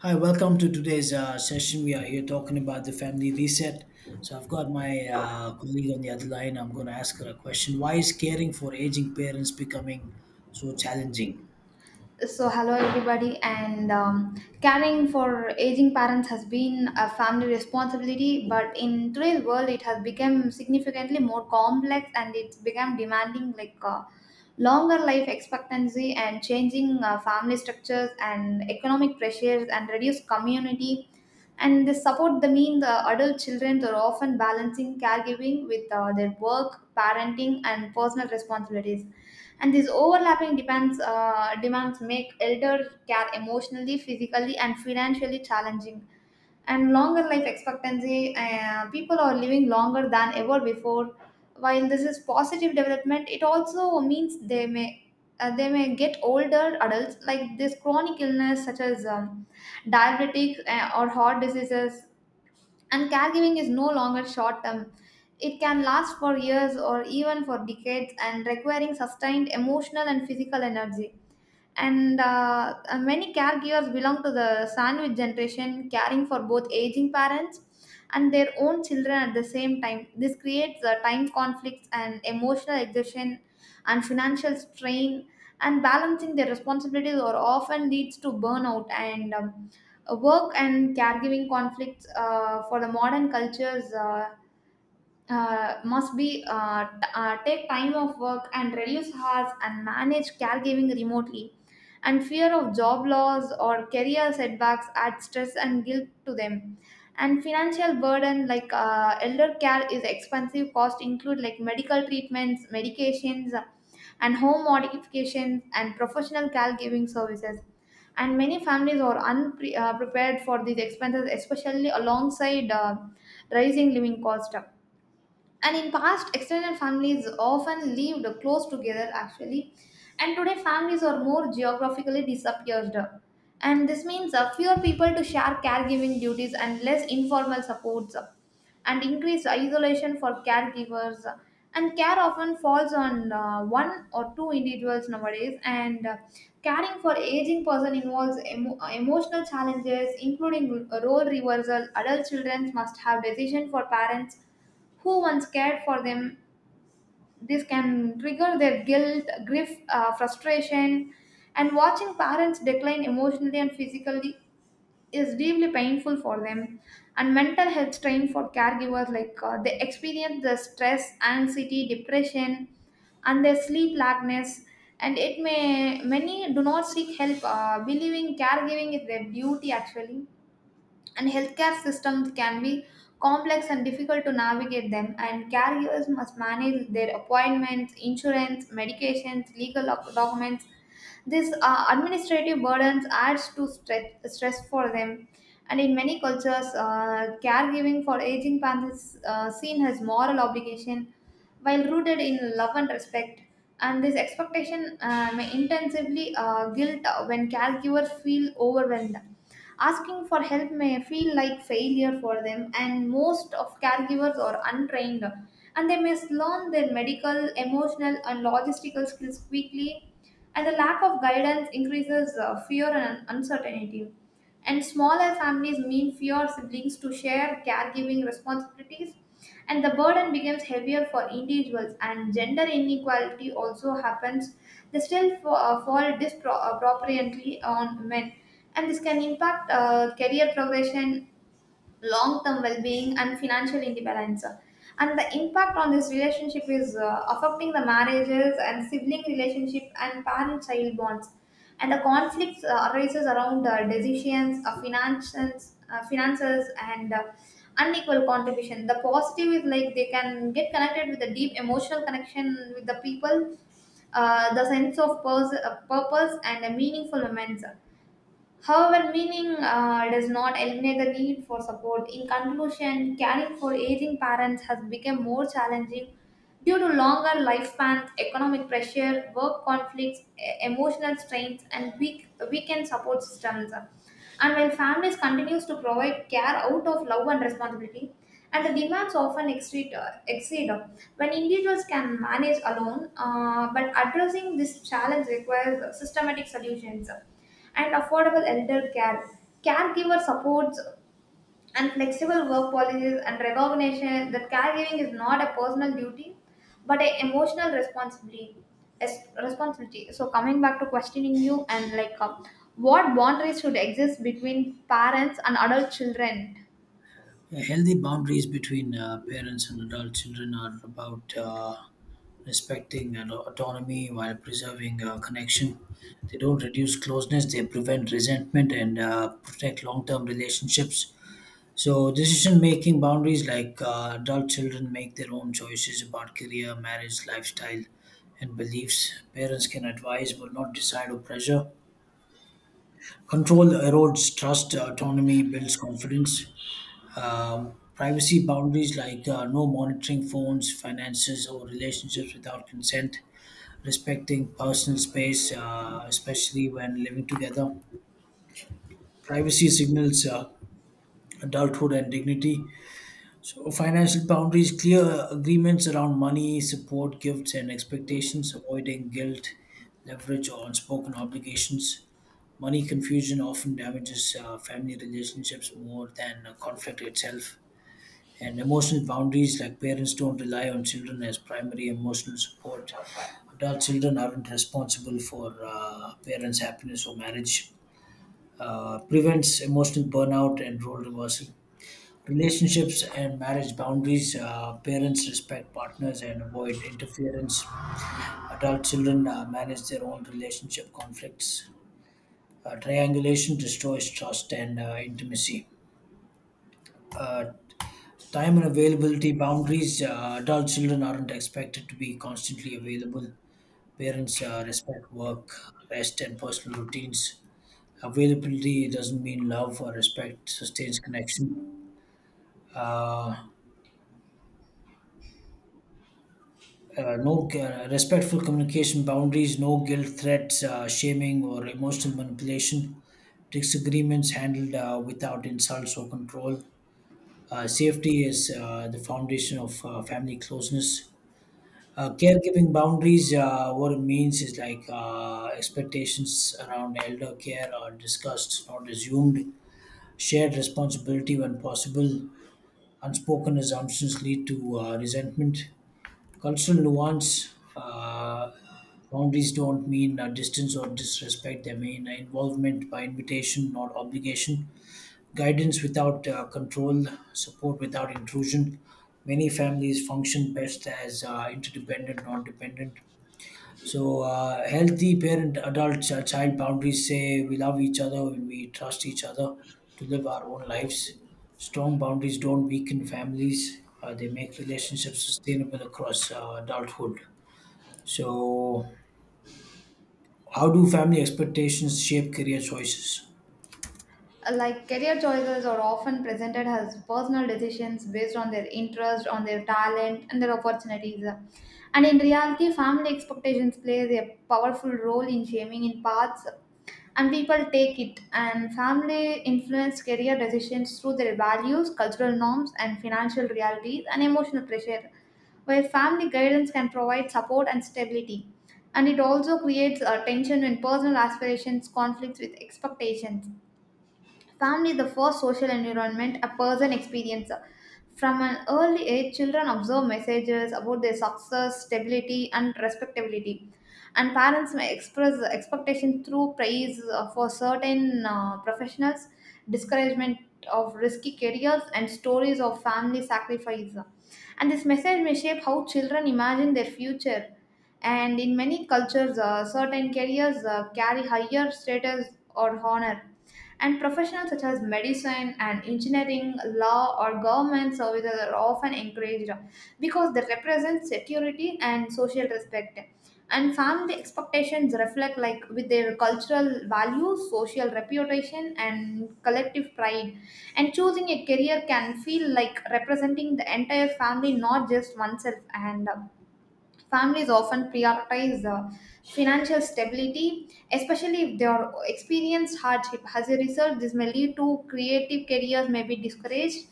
Hi, welcome to today's session. We are here talking about the family reset. So, I've got my colleague on the other line. I'm going to ask her a question. Why is caring for aging parents becoming so challenging? So, hello everybody, and caring for aging parents has been a family responsibility, but in today's world, it has become significantly more complex and it's become demanding like longer life expectancy and changing family structures and economic pressures and reduced community and they support the adult children are often balancing caregiving with their work, parenting, and personal responsibilities, and these overlapping depends demands make elder care emotionally, physically, and financially challenging. And longer life expectancy. People are living longer than ever before. While this is positive development, it also means they may get older adults like this chronic illness such as diabetic or heart diseases. And caregiving is no longer short term. It can last for years or even for decades and requiring sustained emotional and physical energy, and many caregivers belong to the sandwich generation, caring for both aging parents and their own children at the same time. This creates time conflicts and emotional exhaustion and financial strain, and balancing their responsibilities or often leads to burnout. And work and caregiving conflicts, for the modern cultures, must be take time off work and reduce hours and manage caregiving remotely, and fear of job loss or career setbacks add stress and guilt to them. And financial burden, like elder care is expensive, cost include like medical treatments, medications, and home modifications, and professional caregiving services, and many families are unprepared prepared for these expenses, especially alongside rising living cost. And in past, extended families often lived close together actually, and today families are more geographically dispersed, and this means fewer people to share caregiving duties and less informal supports and increased isolation for caregivers, and care often falls on one or two individuals nowadays. And caring for aging person involves emotional challenges, including role reversal. Adult children must have decision for parents who once cared for them. This can trigger their guilt, grief, frustration, and watching parents decline emotionally and physically is deeply painful for them. And mental health strain for caregivers, like they experience the stress, anxiety, depression, and their sleep lackness. And it may many do not seek help, believing caregiving is their duty actually, and healthcare systems can be complex and difficult to navigate them, and caregivers must manage their appointments, insurance, medications, legal documents. This administrative burdens adds to stress, stress for them. And in many cultures, caregiving for aging parents is seen as moral obligation, while rooted in love and respect. And this expectation may intensively guilt when caregivers feel overwhelmed. Asking for help may feel like failure for them, and most of caregivers are untrained, and they must learn their medical, emotional, and logistical skills quickly, and the lack of guidance increases fear and uncertainty. And smaller families mean fewer siblings to share caregiving responsibilities, and the burden becomes heavier for individuals. And gender inequality also happens; they still fall disproportionately on men, and this can impact career progression, long term well being, and financial independence. And the impact on this relationship is affecting the marriages and sibling relationship and parent child bonds. And the conflicts arises around decisions, finances, and unequal contribution. The positive is like they can get connected with a deep emotional connection with the people, the sense of purpose, and a meaningful moments. However, meaning does not eliminate the need for support. In conclusion, caring for aging parents has become more challenging due to longer lifespans, economic pressure, work conflicts, emotional strains, and weakened support systems. And while families continues to provide care out of love and responsibility, and the demands often exceed when individuals can manage alone, but addressing this challenge requires systematic solutions and affordable elder care. Caregiver supports and flexible work policies and recognition that caregiving is not a personal duty but an emotional responsibility. Responsibility. So, coming back to questioning you and like what boundaries should exist between parents and adult children? Healthy boundaries between parents and adult children are about respecting and autonomy while preserving connection. They don't reduce closeness, they prevent resentment and protect long term relationships. So, decision making boundaries, like adult children make their own choices about career, marriage, lifestyle, and beliefs. Parents can advise but not decide or pressure. Control erodes trust, autonomy builds confidence. Privacy boundaries, like no monitoring phones, finances, or relationships without consent. Respecting personal space, especially when living together. Privacy signals adulthood and dignity. So, financial boundaries, clear agreements around money, support, gifts, and expectations, avoiding guilt, leverage, or unspoken obligations. Money confusion often damages family relationships more than conflict itself. And emotional boundaries, like parents don't rely on children as primary emotional support. Adult children aren't responsible for parents' happiness or marriage. Prevents emotional burnout and role reversal. Relationships and marriage boundaries, parents respect partners and avoid interference. Adult children manage their own relationship conflicts. Triangulation destroys trust and intimacy. uh, Time and availability boundaries, adult children aren't expected to be constantly available. Parents respect work, rest and personal routines. Availability doesn't mean love or respect sustains connection. uh, no Respectful communication boundaries, no guilt threats, shaming, or emotional manipulation. Disagreements handled without insults or control. Safety is the foundation of family closeness. Caregiving boundaries, what it means is like expectations around elder care are discussed, not assumed. Shared responsibility when possible. Unspoken assumptions lead to resentment. Cultural nuance, boundaries don't mean distance or disrespect, they mean involvement by invitation, not obligation, guidance without control, support without intrusion. Many families function best as interdependent, not dependent. So, healthy parent adult child boundaries say we love each other, we trust each other to live our own lives. Strong boundaries don't weaken families, they make relationships sustainable across adulthood. So, how do family expectations shape career choices? Like career choices are often presented as personal decisions based on their interest, on their talent, and their opportunities. And in reality, family expectations plays a powerful role in shaping in paths and people take it, and family influence career decisions through their values, cultural norms, and financial realities, and emotional pressure, where family guidance can provide support and stability, and it also creates a tension in personal aspirations conflicts with expectations. Family is the first social environment a person experiences. From an early age, children observe messages about their success, stability, and respectability. And parents may express expectation through praise for certain professionals, discouragement of risky careers, and stories of family sacrifice. And this message may shape how children imagine their future. And in many cultures, certain careers carry higher status or honor. And professions such as medicine and engineering, law, or government services are often encouraged because they represent security and social respect. And family expectations reflect like with their cultural values, social reputation, and collective pride. And choosing a career can feel like representing the entire family, not just oneself. And families often prioritize financial stability, especially if they are experienced hardship. As a result, this may lead to creative careers may be discouraged,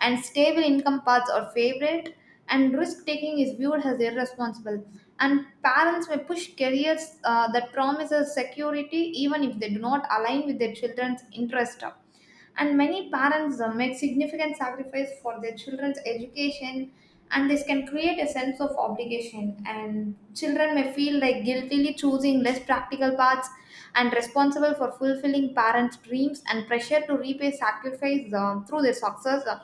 and stable income paths are favored, and risk taking is viewed as irresponsible. And parents may push careers that promises security even if they do not align with their children's interest, and many parents make significant sacrifice for their children's education, and this can create a sense of obligation, and children may feel like guiltily choosing less practical paths and responsible for fulfilling parents dreams and pressure to repay sacrifice through their success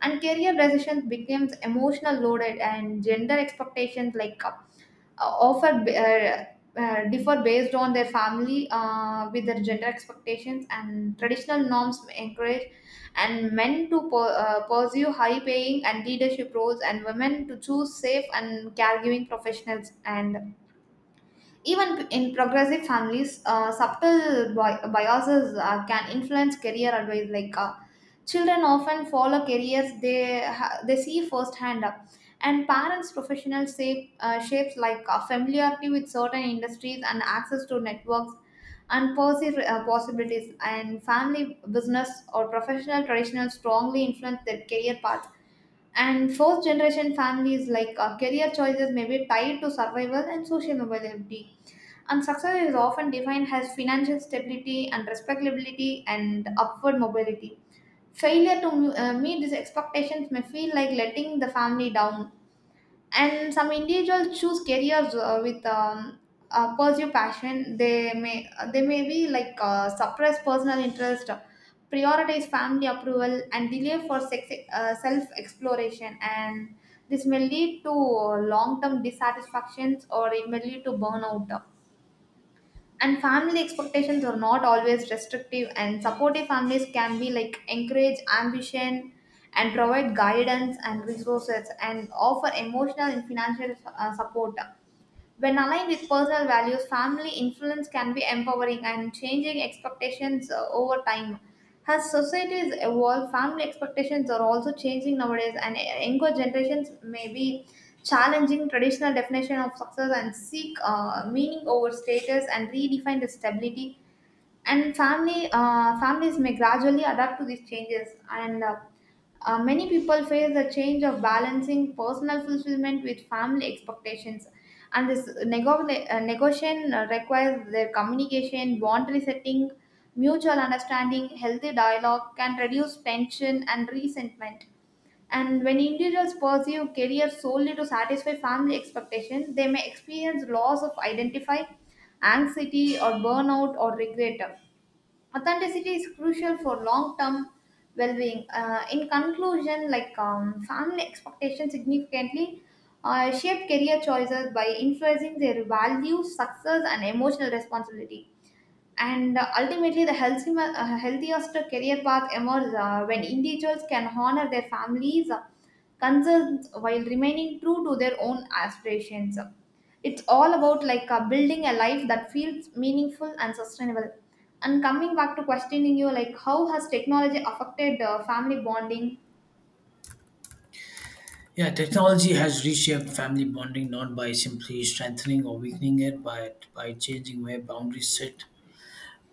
and career decisions becomes emotional loaded and gender expectations like uh, offer b- uh, differ based on their family with their gender expectations and traditional norms encourage and men to pursue high paying and leadership roles and women to choose safe and caregiving professionals, and even in progressive families, subtle biases can influence career advice. Like children often follow careers they see firsthand, and parents' professional shapes like familiarity with certain industries and access to networks and positive possibilities. And family business or professional traditional strongly influence their career path. And fourth generation families like career choices may be tied to survival and social mobility. And success is often defined as financial stability and respectability and upward mobility. Failure to meet these expectations may feel like letting the family down. And some individuals choose careers with pursue passion. They may be like suppress personal interest, prioritize family approval, and delay for sex, self exploration. And this may lead to long term dissatisfactions or it may lead to burnout, and family expectations are not always restrictive, and supportive families can be like encourage ambition and provide guidance and resources and offer emotional and financial support. When aligned with personal values, family influence can be empowering, and changing expectations over time, as societies evolve, family expectations are also changing nowadays, and younger generations may be challenging traditional definition of success and seek meaning over status and redefine the stability. And family families may gradually adapt to these changes and. Many people face the change of balancing personal fulfillment with family expectations, and this negotiation requires their communication, boundary setting, mutual understanding. Healthy dialogue can reduce tension and resentment. And when individuals pursue career solely to satisfy family expectations, they may experience loss of identity, anxiety, or burnout or regret. Authenticity is crucial for long-term well-being. In conclusion, like family expectations significantly shape career choices by influencing their values, success, and emotional responsibility, and ultimately the healthiest career path emerges when individuals can honor their families' concerns while remaining true to their own aspirations. It's all about like building a life that feels meaningful and sustainable. And coming back to questioning you, like how has technology affected family bonding? Yeah, technology has reshaped family bonding not by simply strengthening or weakening it, but by changing where boundaries sit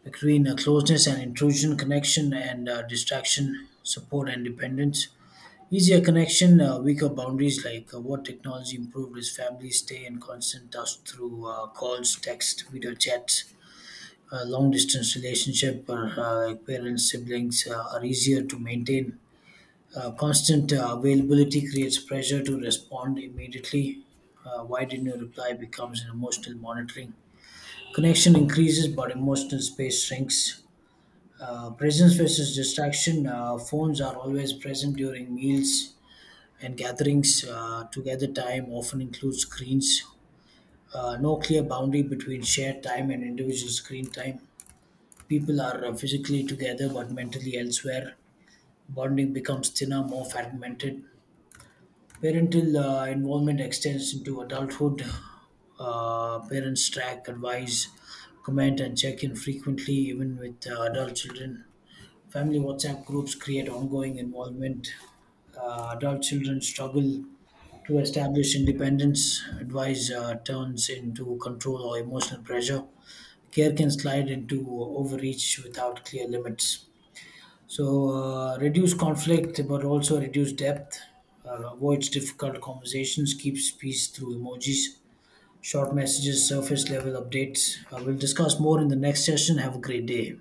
between closeness and intrusion, connection and distraction, support and dependence. Easier connection, weaker boundaries, like what technology improved is families stay in constant touch through calls, text, video chats. Long distance relationship or like parents, siblings are easier to maintain. Constant availability creates pressure to respond immediately. Why didn't you reply becomes an emotional monitoring. Connection increases, but emotional space shrinks. Presence versus distraction. Phones are always present during meals and gatherings. Together time often includes screens. No clear boundary between shared time and individual screen time. People are physically together but mentally elsewhere. Bonding becomes thinner, more fragmented. Parental involvement extends into adulthood. Parents track, advise, comment, and check in frequently, even with adult children. Family WhatsApp groups create ongoing involvement. Adult children struggle to establish independence. Advice turns into control or emotional pressure. Care can slide into overreach without clear limits. So, reduce conflict but also reduce depth. Avoids difficult conversations, keeps peace through emojis, short messages, surface level updates. We'll discuss more in the next session. Have a great day.